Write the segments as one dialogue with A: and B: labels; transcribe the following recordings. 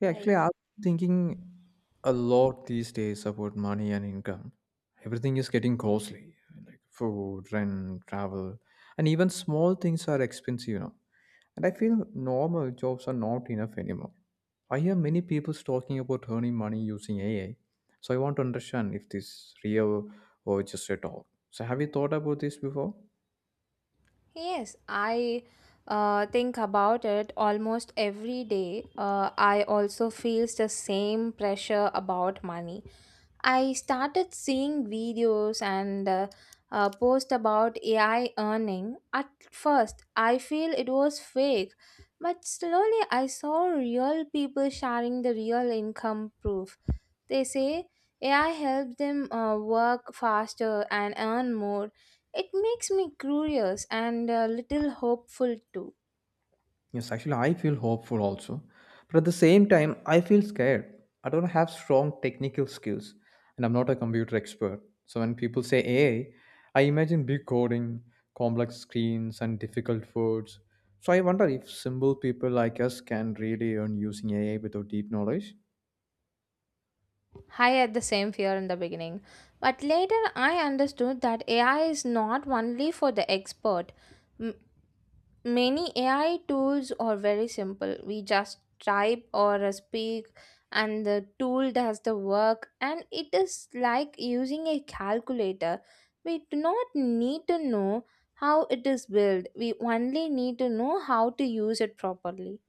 A: Yeah, actually,
B: Right.
A: I'm thinking a lot these days about money and income. Everything is getting costly, like food, rent, travel, and even small things are expensive. And I feel normal jobs are not enough anymore. I hear many people talking about earning money using AI, so I want to understand if this real or just a talk. So, have you thought about this before?
B: Yes, I think about it almost every day. I also feels the same pressure about money. I started seeing videos and post about AI earning. At first, I feel it was fake, but slowly I saw real people sharing the real income proof. They say AI helps them work faster and earn more. It makes me curious and a little hopeful too.
A: Yes, actually, I feel hopeful also. But at the same time, I feel scared. I don't have strong technical skills, and I'm not a computer expert. So when people say AI, I imagine big coding, complex screens, and difficult words. So I wonder if simple people like us can really earn using AI without deep knowledge.
B: I had the same fear in the beginning, but later I understood that AI is not only for the expert. M- Many AI tools are very simple. We just type or speak, and the tool does the work, and it is like using a calculator. We do not need to know how it is built, we only need to know how to use it properly.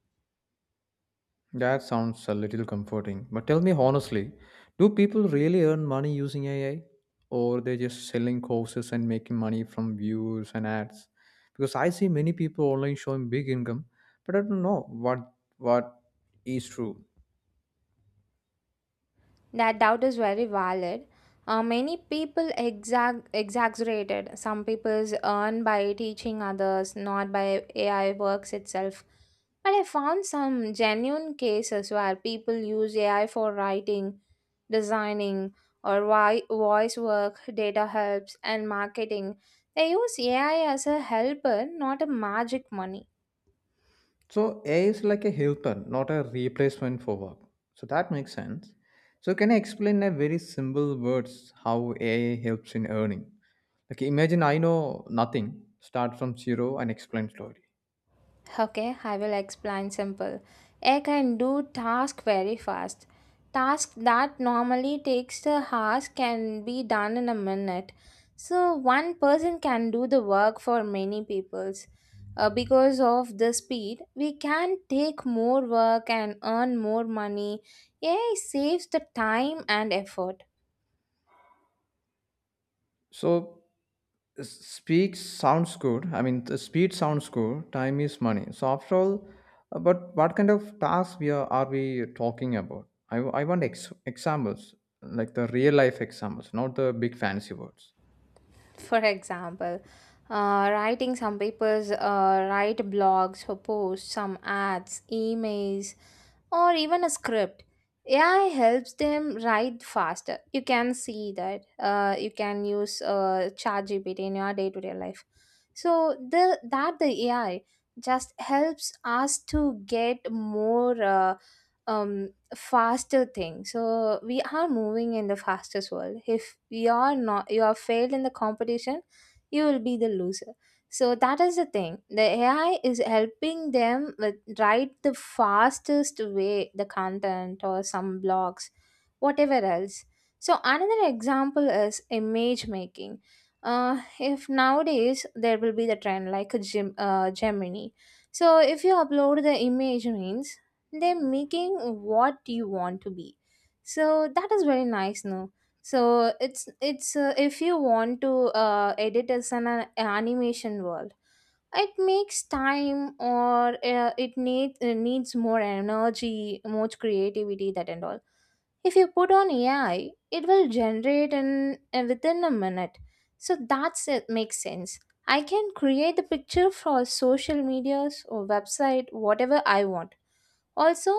A: That sounds a little comforting. But tell me honestly, do people really earn money using AI? Or they just selling courses and making money from views and ads? Because I see many people online showing big income, but I don't know what is true.
B: That doubt is very valid. Many people exaggerated. Some people earn by teaching others, not by AI works itself. But I found some genuine cases where people use AI for writing, designing, or voice work, data helps, and marketing. They use AI as a helper, not a magic money.
A: So AI is like a helper, not a replacement for work. So that makes sense. So can I explain in a very simple words how AI helps in earning? Like imagine I know nothing, start from zero and explain story.
B: Okay, I will explain simple. A can do task very fast. Task that normally takes the hours can be done in a minute. So one person can do the work for many peoples. Because of the speed, we can take more work and earn more money. AI saves the time and effort.
A: So speak sounds good. I mean, the speed sounds good. Time is money. So after all, but what kind of tasks are we talking about? I want examples, like the real life examples, not the big fancy words.
B: For example, writing some papers, write blogs for posts, some ads, emails, or even a script. AI helps them write faster. You can see that. You can use ChatGPT in your day-to-day life. So the AI just helps us to get more um, faster thing, so we are moving in the fastest world. If you are not, you are failed in the competition, you will be the loser. So that is the thing, the AI is helping them with write the fastest way the content or some blogs whatever else. So another example is image making. If nowadays there will be the trend like a gemini, so if you upload the image means, they're making what you want to be. So that is very nice, no? So it's if you want to edit as an animation world, it makes time or it needs more energy, more creativity, that and all. If you put on AI, it will generate in within a minute. So that's, it makes sense. I can create the picture for social medias or website whatever I want. Also,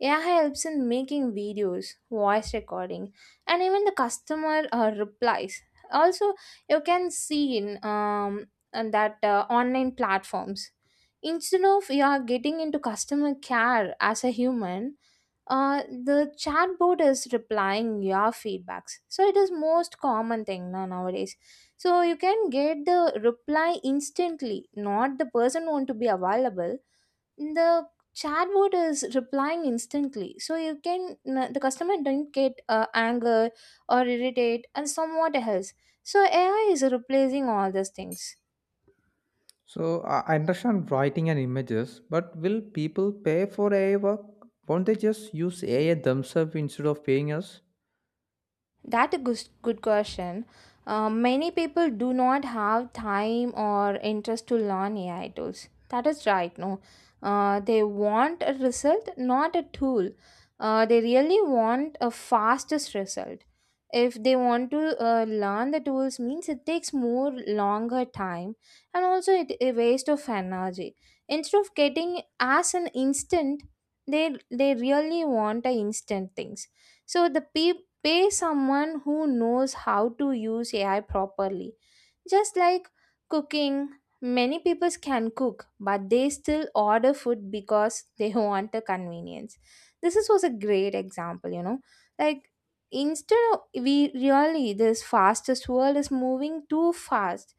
B: AI helps in making videos, voice recording, and even the customer replies. Also, you can see in and that online platforms. Instead of you are getting into customer care as a human, the chatbot is replying your feedbacks. So it is most common thing now nowadays. So you can get the reply instantly, not the person want to be available. The chatbot is replying instantly, so you can, the customer don't get anger or irritate and somewhat else. So AI is replacing all these things.
A: So I understand writing and images, but will people pay for AI work? Won't they just use AI themselves instead of paying us?
B: That a good question. Many people do not have time or interest to learn AI tools. That is right. No, they want a result, not a tool. They really want a fastest result. If they want to learn the tools, means it takes more longer time, and also it a waste of energy. Instead of getting as an instant, they really want a instant things. So the pay someone who knows how to use AI properly, just like cooking. Many people can cook, but they still order food because they want the convenience. This is, was a great example, you know. Like, instead of we really, this fastest world is moving too fast.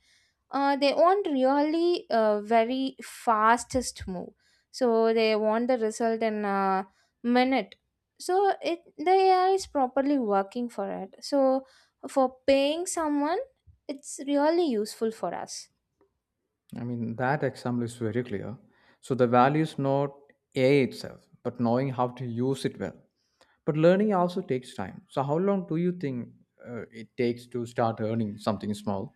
B: They want really very fastest move. So they want the result in a minute. So it the AI is properly working for it. So for paying someone, it's really useful for us.
A: I mean, that example is very clear. So the value is not AI itself, but knowing how to use it well. But learning also takes time. So how long do you think it takes to start earning something small?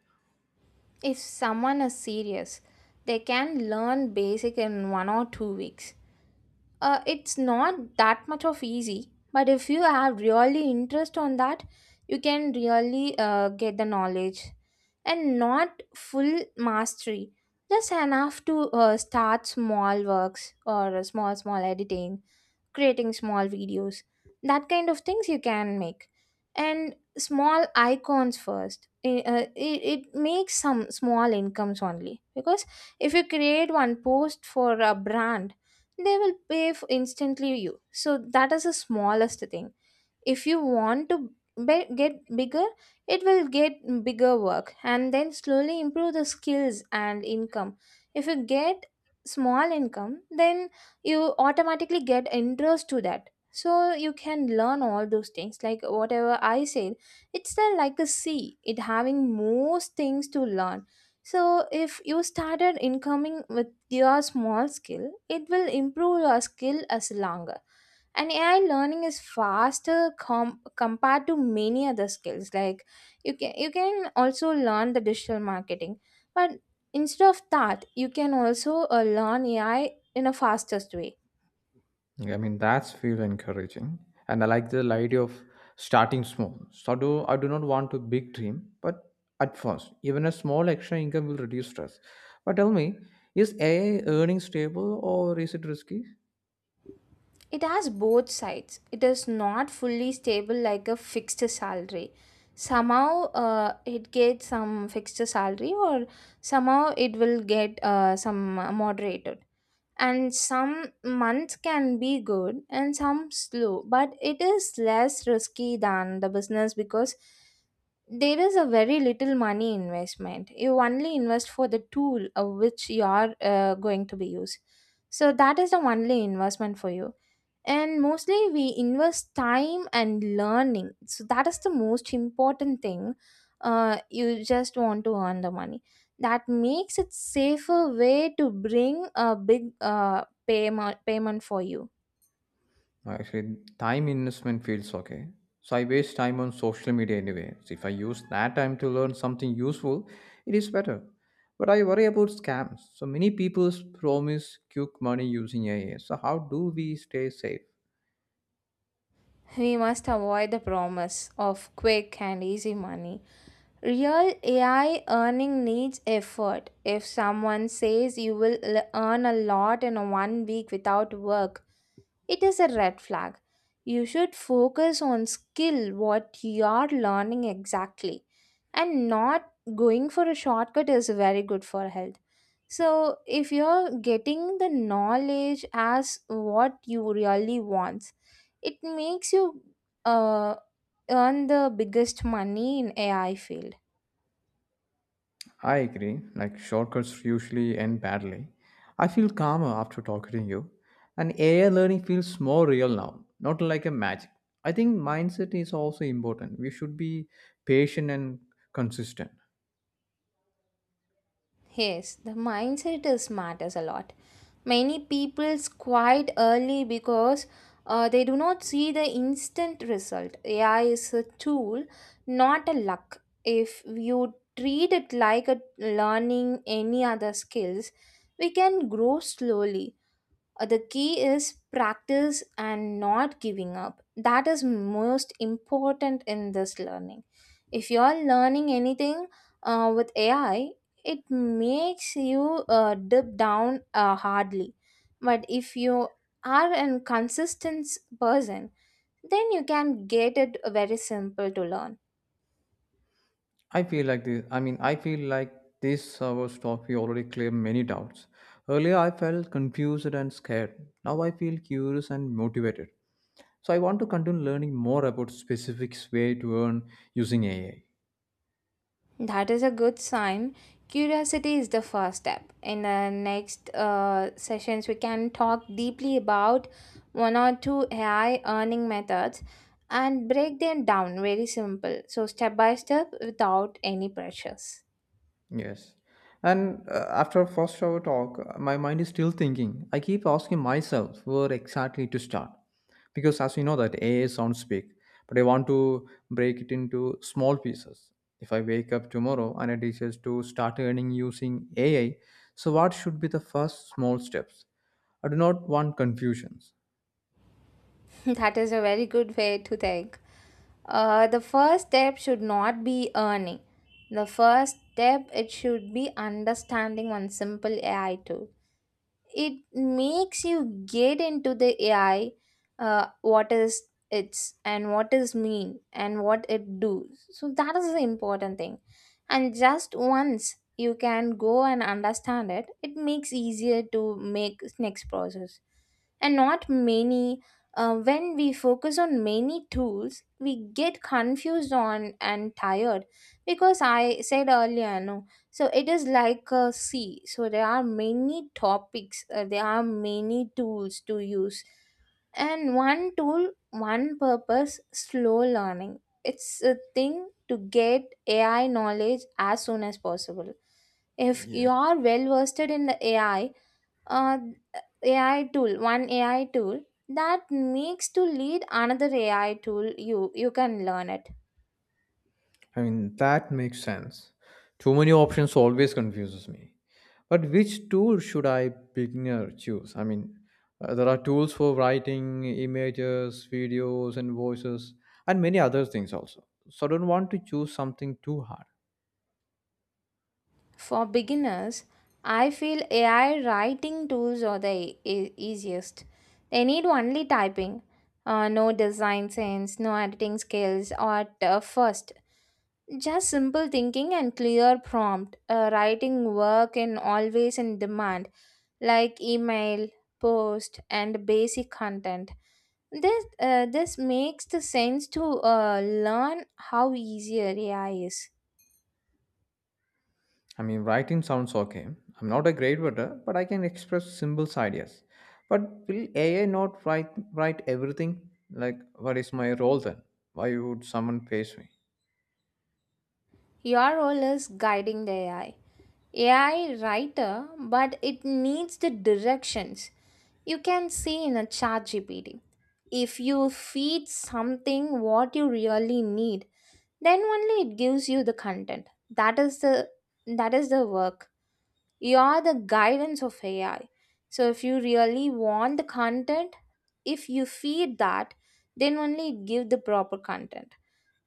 B: If someone is serious, they can learn basic in 1 or 2 weeks. It's not that much of easy, but if you have really interest on that, you can really get the knowledge, and not full mastery. Just enough to start small works or small editing, creating small videos, that kind of things you can make and small icons first. It makes some small incomes only, because if you create one post for a brand, they will pay f instantly you. So that is the smallest thing. If you want to get bigger, it will get bigger work, and then slowly improve the skills and income. If you get small income, then you automatically get interest to that, so you can learn all those things like whatever I said. It's the, like a sea, it having most things to learn. So if you started incoming with your small skill, it will improve your skill as longer. And AI learning is faster compared to many other skills. Like, you can, you can also learn the digital marketing, but instead of that you can also learn AI in a fastest way.
A: I mean, that's feel encouraging, and I like the idea of starting small. So do I do not want a big dream, but at first, even a small extra income will reduce stress. But tell me, is AI earning stable or is it risky?
B: It has both sides. It is not fully stable like a fixed salary. Somehow, it gets some fixed salary, or somehow it will get some moderated. And some months can be good and some slow, but it is less risky than the business, because there is a very little money investment. You only invest for the tool of which you are going to be used. So that is the only investment for you, and mostly we invest time and learning. So that is the most important thing. You just want to earn the money. That makes it safer way to bring a big payment for you.
A: Actually, time investment feels okay. So I waste time on social media anyway. So if I use that time to learn something useful, it is better. But I worry about scams. So many people promise quick money using AI. So how do we stay safe?
B: We must avoid the promise of quick and easy money. Real AI earning needs effort. If someone says you will earn a lot in 1 week without work, it is a red flag. You should focus on skill, what you are learning exactly, and not going for a shortcut is very good for health. So, if you're getting the knowledge as what you really want, it makes you uh, earn the biggest money in AI field.
A: I agree. Like shortcuts usually end badly. I feel calmer after talking to you. And AI learning feels more real now, not like a magic. I think mindset is also important. We should be patient and consistent.
B: Yes, the mindset is matters a lot. Many people quite early, because they do not see the instant result. AI is a tool, not a luck. If you treat it like a learning any other skills, we can grow slowly. The key is practice and not giving up. That is most important in this learning. If you are learning anything with AI, it makes you dip down hardly. But if you are a consistent person, then you can get it very simple to learn.
A: I feel like this. I mean, I feel like this server stuff you already cleared many doubts. Earlier, I felt confused and scared. Now, I feel curious and motivated. So, I want to continue learning more about specific way to earn using AI.
B: That is a good sign. Curiosity is the first step. In the next sessions, we can talk deeply about one or two AI earning methods and break them down very simple. So, step by step without any pressures.
A: Yes. And after first hour talk, my mind is still thinking. I keep asking myself where exactly to start. Because as you know that AI sounds big, but I want to break it into small pieces. If I wake up tomorrow and I decide to start earning using AI, so what should be the first small steps? I do not want confusions.
B: That is a very good way to think. The first step should not be earning. The first step, it should be understanding one simple AI tool. It makes you get into the AI, what is it's and what is mean and what it do. So that is the important thing, and just once you can go and understand it, it makes easier to make next process. And not many, when we focus on many tools, we get confused on and tired, because I said earlier, no? So it is like a sea. So there are many topics, there are many tools to use. And one tool, one purpose, slow learning. It's a thing to get AI knowledge as soon as possible. If you
A: Yes.
B: are well versed in the AI, uh, AI tool, one AI tool, that makes to lead another AI tool, you can learn it.
A: I mean, that makes sense. Too many options always confuses me. But which tool should I beginner choose? I mean, there are tools for writing images, videos, and voices, and many other things also. So I don't want to choose something too hard.
B: For beginners, I feel AI writing tools are the easiest. They need only typing, no design sense, no editing skills at first. Just simple thinking and clear prompt. Writing work and always in demand, like email, post, and basic content. This makes the sense to learn how easier AI is.
A: I mean, writing sounds okay. I'm not a great writer, but I can express simple ideas. But will AI not write everything? Like, what is my role then? Why would someone face me?
B: Your role is guiding the AI writer, but it needs the directions you can see in a chat GPT. If you feed something what you really need, then only it gives you the content. That is the work. You are the guidance of AI. So if you really want the content, if you feed that, then only it give the proper content.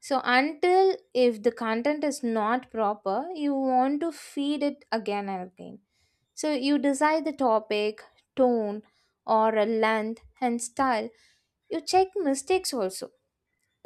B: So until if the content is not proper, you want to feed it again and again. So you decide the topic, tone, or a length and style. You check mistakes also,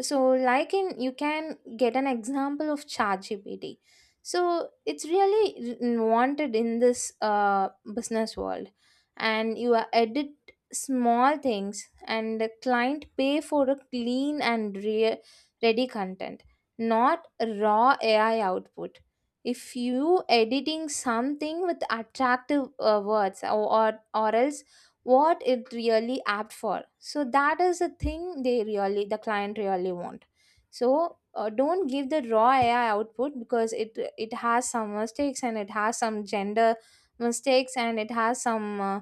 B: so like in you can get an example of ChatGPT. So it's really wanted in this business world, and you are edit small things, and the client pay for a clean and ready content, not raw AI output. If you editing something with attractive words or else what it really apt for, so that is the thing they really the client really want. So don't give the raw ai output because it has some mistakes and it has some gender mistakes and it has some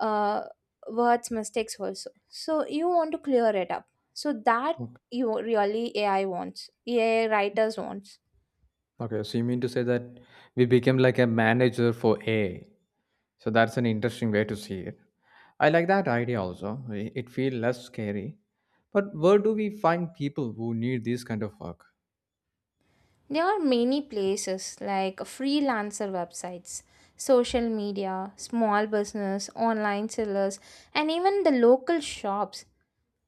B: uh, words mistakes also, so you want to clear it up so that you really ai wants ai writers want.
A: Okay, so you mean to say that we became like a manager for A? So that's an interesting way to see it. I like that idea also. It feels less scary. But where do we find people who need this kind of work?
B: There are many places like freelancer websites, social media, small business, online sellers, and even the local shops.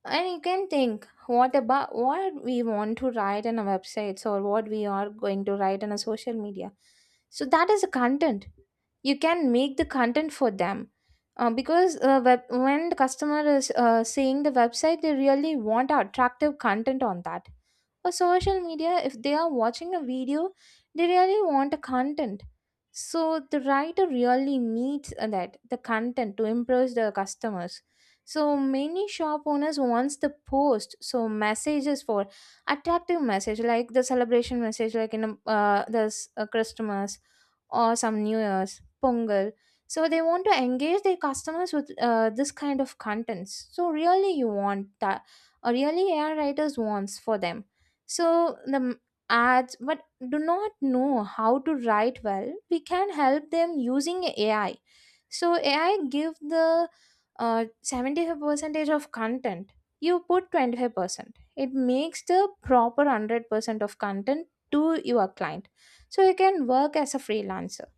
B: And you can think what about what we want to write on our websites or what we are going to write on a social media. So that is the content. You can make the content for them. Because when the customer is seeing the website, they really want attractive content on that, or social media, if they are watching a video, they really want a content. So the writer really needs that the content to impress the customers. So many shop owners wants the post so messages for attractive message, like the celebration message like in Christmas or some New Year's, Pongal. So they want to engage their customers with this kind of contents. So really, you want that, or really, AI writers wants for them. So the ads, but do not know how to write well. We can help them using AI. So AI give the 75 percentage of content. You put 25%. It makes the proper 100% of content to your client, so you can work as a freelancer.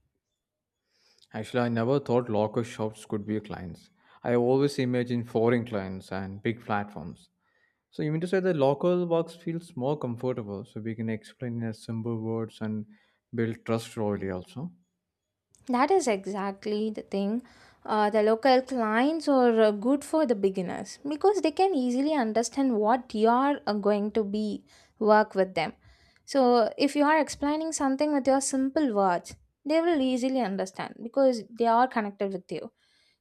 A: Actually, I never thought local shops could be clients. I always imagine foreign clients and big platforms. So you mean to say the local works feels more comfortable, so we can explain in a simple words and build trust slowly also.
B: That is exactly the thing. The local clients are good for the beginners because they can easily understand what you are going to be work with them. So if you are explaining something with your simple words, they will easily understand because they are connected with you.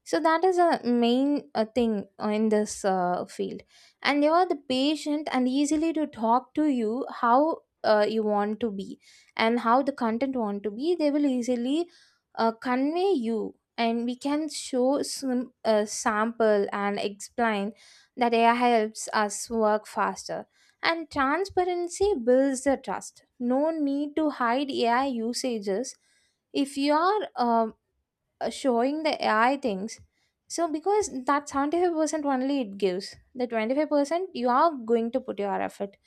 B: So that is a main thing in this field, and they are the patient and easily to talk to you how you want to be and how the content want to be, they will easily convey you, and we can show some sample and explain that ai helps us work faster, and transparency builds the trust, no need to hide ai usages if you are showing the AI things. So because that 75% only it gives, the 25% you are going to put your effort.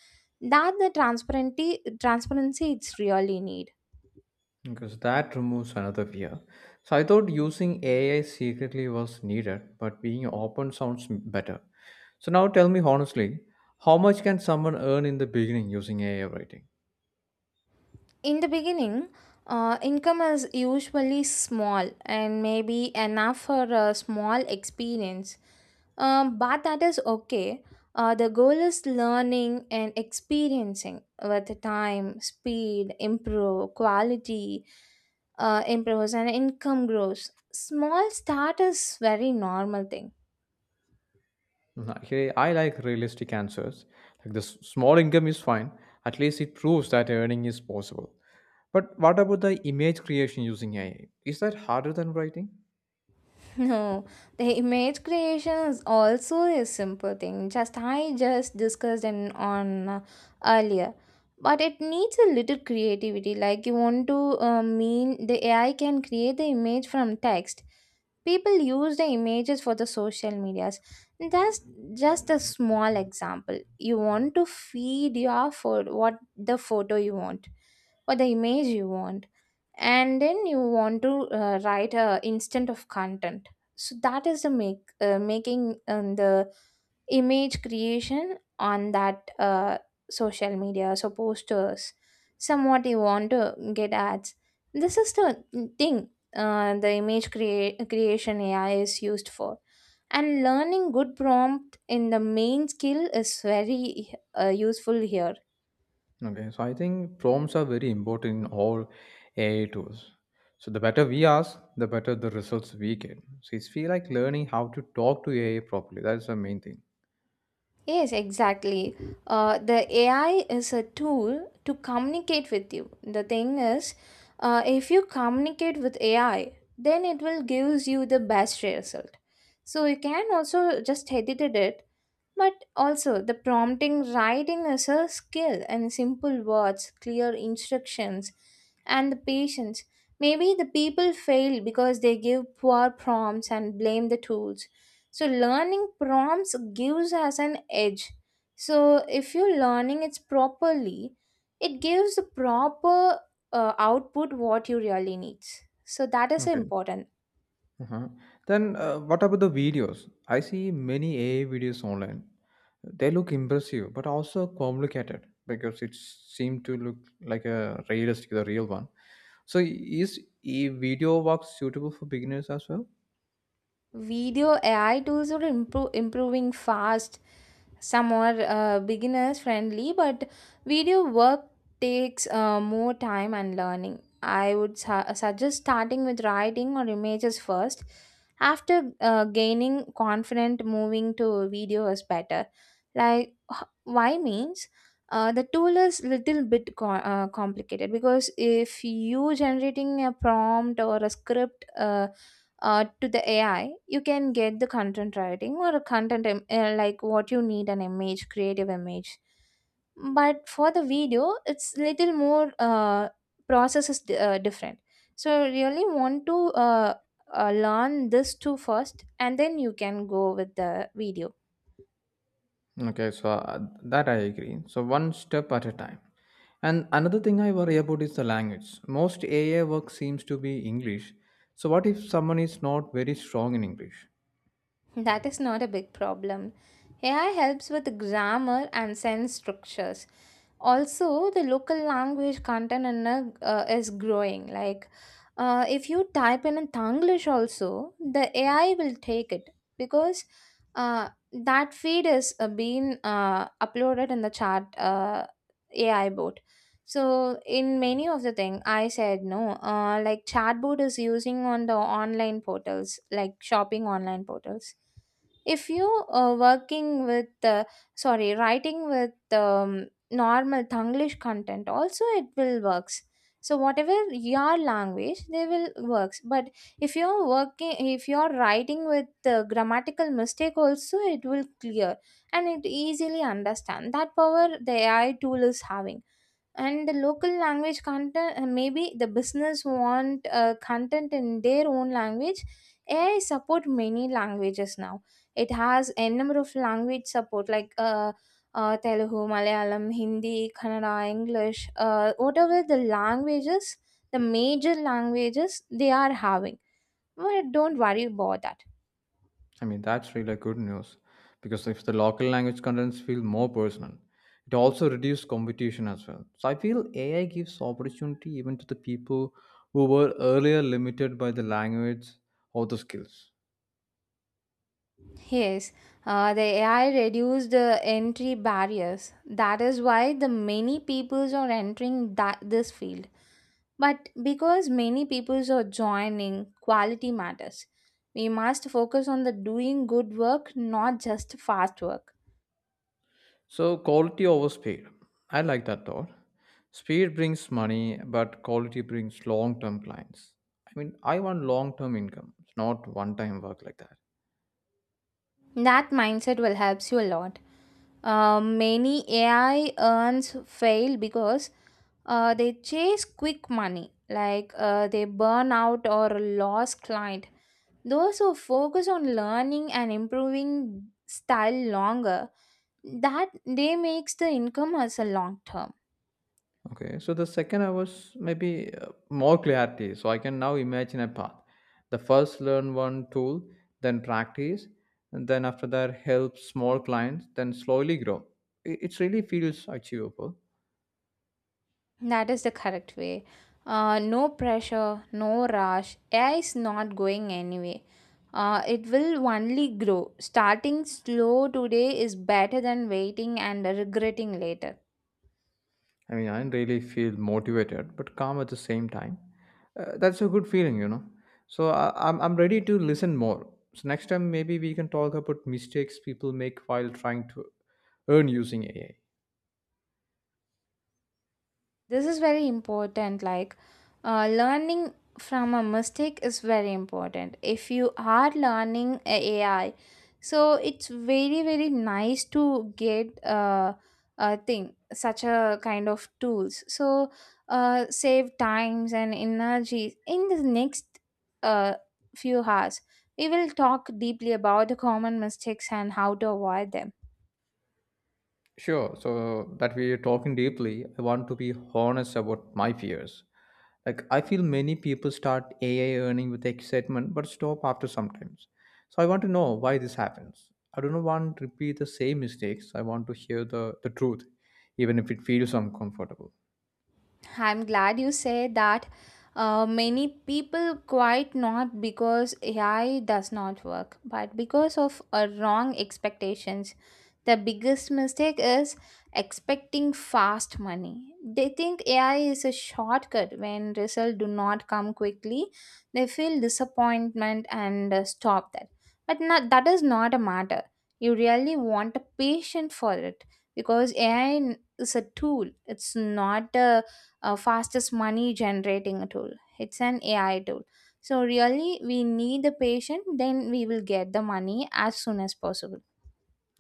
B: That the transparency it's really need.
A: Because that removes another fear. So I thought using AI secretly was needed, but being open sounds better. So now tell me honestly, how much can someone earn in the beginning using AI writing?
B: In the beginning, income is usually small and maybe enough for a small experience. But that is okay. The goal is learning and experiencing with time, speed, improve, quality improves, and income grows. Small start is very normal thing.
A: Mhm. Actually, I like realistic answers. Like the small income is fine. At least it proves that earning is possible. But what about the image creation using AI? Is that harder than writing?
B: No, the image creation is also a simple thing. Just I just discussed in on earlier, but it needs a little creativity. Like you want to mean the AI can create the image from text, people use the images for the social medias. That's just a small example. You want to feed your food, what the photo you want or the image you want, and then you want to write a instant of content. So that is the make making the image creation on that social media, so posters, somewhat you want to get ads, this is the thing the image creation ai is used for, and learning good prompt in the main skill is very useful here.
A: Okay, so I think prompts are very important in all AI tools. So the better we ask, the better the results we get. So it's feel like learning how to talk to AI properly. That is the main thing.
B: Yes, exactly. The AI is a tool to communicate with you. The thing is, if you communicate with AI, then it will gives you the best result. So you can also just edit it, but also, the prompting writing is a skill, and simple words, clear instructions, and the patience. Maybe the people fail because they give poor prompts and blame the tools. So, learning prompts gives us an edge. So, if you're learning it properly, it gives the proper output what you really need. So, that is
A: Okay.
B: important.
A: Uh-huh. Then what about the videos? I see many AI videos online. They look impressive, but also complicated because it seemed to look like a realistic, the real one. So is a video work suitable for beginners as well?
B: Video AI tools are improving fast. Some are beginners friendly, but video work takes more time and learning. I would suggest starting with writing or images first. After gaining confident, moving to video is better. Like why means the tool is little bit complicated because if you generating a prompt or a script. To the AI, you can get the content writing or a content like what you need an image, creative image. But for the video, it's little more process is different. So really want to learn this two first, and then you can go with the video.
A: Okay, so that I agree. So one step at a time. And another thing I worry about is the language. Most AI work seems to be English. So what if someone is not very strong in English?
B: That is not a big problem. AI helps with grammar and sentence structures, also the local language content and is growing. Like if you type in tanglish also, the ai will take it because that feed is being uploaded in the chat ai bot. So in many of the thing I said no, like chatbot is using on the online portals, like shopping online portals. If you are working with sorry writing with normal Tanglish content also, it will works. So whatever your language, they will works. But if you're writing with the grammatical mistake also, it will clear and it easily understand. That power the AI tool is having, and the local language content, maybe the business want content in their own language. Ai support many languages now. It has a number of language support like Telugu, Malayalam, Hindi, Kannada, English, whatever the languages, the major languages they are having. But don't worry about that.
A: I mean, that's really good news because if the local language contents feel more personal, it also reduces competition as well. So I feel AI gives opportunity even to the people who were earlier limited by the language or the skills.
B: Yes, the AI reduced the entry barriers. That is why the many peoples are entering that this field. But because many peoples are joining, quality matters. We must focus on the doing good work, not just fast work.
A: So, quality over speed. I like that thought. Speed brings money, but quality brings long term clients. I mean, I want long term income, not one time work like that.
B: That mindset will helps you a lot. Many AI earns fail because they chase quick money, like they burn out or lose client. Those who focus on learning and improving style longer, that they makes the income as a long term.
A: Okay, so the second I was maybe more clarity, so I can now imagine a path. The first learn one tool, then practice, and then after that help small clients, then slowly grow. It really feels achievable.
B: That is the correct way. No pressure, no rush. AI is not going anyway. It will only grow. Starting slow today is better than waiting and regretting later.
A: I mean, I don't really feel motivated, but calm at the same time. That's a good feeling. So I, I'm ready to listen more. So next time maybe we can talk about mistakes people make while trying to earn using AI.
B: This is very important. Like learning from a mistake is very important if you are learning ai. So it's very very nice to get a thing such a kind of tools, so save times and energy. In the next uh, few hours, we will talk deeply about the common mistakes and how to avoid them.
A: Sure. So that we are talking deeply, I want to be honest about my fears. Like I feel many people start AI earning with excitement but stop after sometimes. So I want to know why this happens. I don't want to repeat the same mistakes. I want to hear the truth, even if it feels uncomfortable.
B: I'm glad you said that. Many people quite not because AI does not work, but because of wrong expectations. The biggest mistake is expecting fast money. They think AI is a shortcut. When results do not come quickly, they feel disappointment and stop that. But not, that is not a matter. You really want a patient for it because AI is a tool. It's not a fastest money generating tool. It's an AI tool. So, really, we need the patient, then we will get the money as soon as possible.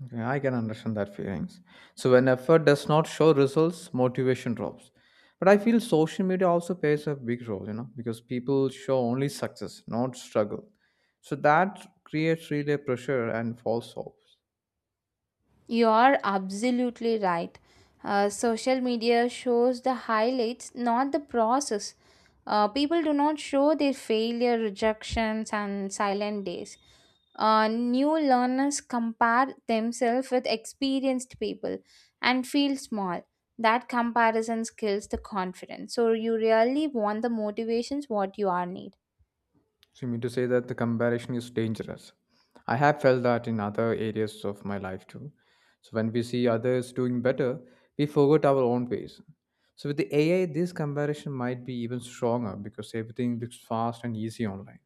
A: Okay, I can understand that feelings. So when effort does not show results, motivation drops. But I feel social media also plays a big role, you know, because people show only success, not struggle. So that creates really pressure and false hopes.
B: You are absolutely right. Social media shows the highlights, not the process. People do not show their failure, rejections, and silent days. New learners compare themselves with experienced people and feel small. That comparison kills the confidence. So you really want the motivations what you are need.
A: So you mean to say that the comparison is dangerous. I have felt that in other areas of my life too. So when we see others doing better, we forget our own pace. So with the AI, this comparison might be even stronger because everything looks fast and easy online.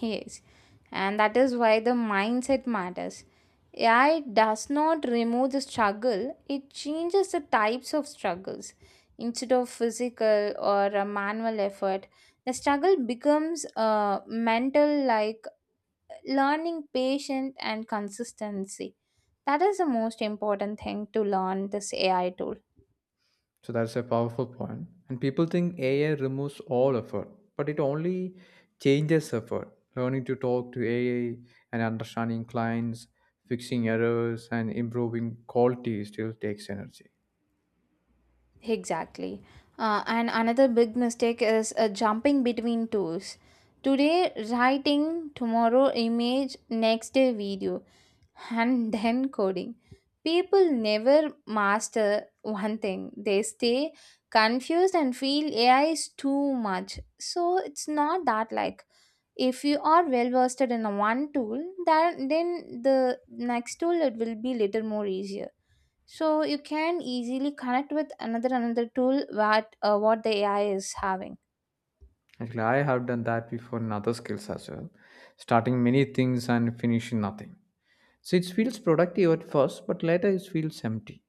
B: Yes, and that is why the mindset matters. AI does not remove the struggle, it changes the types of struggles. Instead of physical or a manual effort, the struggle becomes mental, like learning patience and consistency. That is the most important thing to learn this ai tool.
A: So that's a powerful point. And people think AI removes all effort, but it only changes effort. Learning to talk to AI and understanding clients, fixing errors, and improving quality still takes energy.
B: Exactly. And another big mistake is jumping between tools. Today writing, tomorrow image, next day video, and then coding. People never master one thing, they stay confused and feel ai is too much. So it's not that. Like if you are well versed in a one tool, then the next tool it will be little more easier, so you can easily connect with another tool, what the ai is having.
A: Actually, I have done that before in other skills as well, starting many things and finishing nothing. So it feels productive at first, but later it feels empty.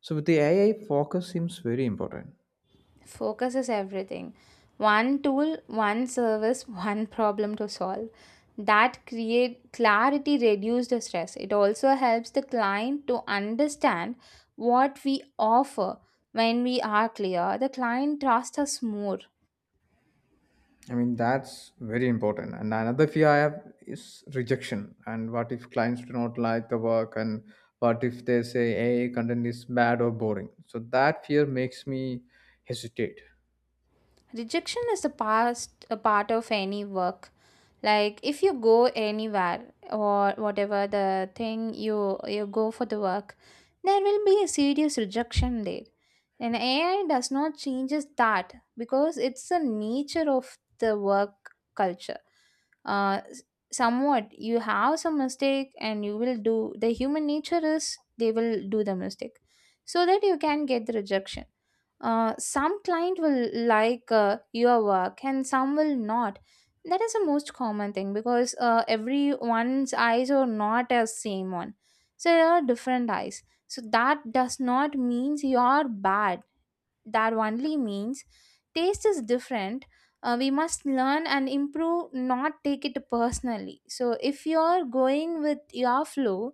A: So with the AI, focus seems very important.
B: Focus is everything. One tool, one service, one problem to solve. That create clarity, reduce the stress. It also helps the client to understand what we offer. When we are clear, the client trusts us more.
A: I mean, that's very important. And another fear I have is rejection. And what if clients do not like the work? And what if they say, hey, content is bad or boring? So that fear makes me hesitate.
B: Rejection is a past a part of any work. Like if you go anywhere or whatever the thing you go for the work, there will be a serious rejection there. And ai does not changes that because it's the nature of the work culture. uh s- Somewhat you have some mistake, and you will do, the human nature is they will do the mistake, so that you can get the rejection. Some client will like your work and some will not. That is the most common thing because everyone's eyes are not as same one. So there are different eyes. So that does not means you are bad, that only means taste is different. We must learn and improve, not take it personally. So if you're going with your flow,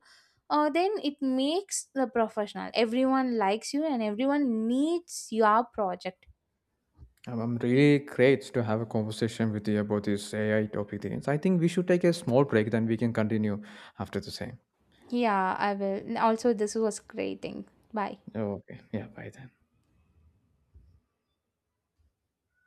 B: then it makes the professional, everyone likes you and everyone needs your project.
A: I'm really great to have a conversation with you about this AI topic. Things. I think we should take a small break, then we can continue after the same.
B: Yeah, I will also, this was great thing. Bye.
A: Okay. Yeah, bye then.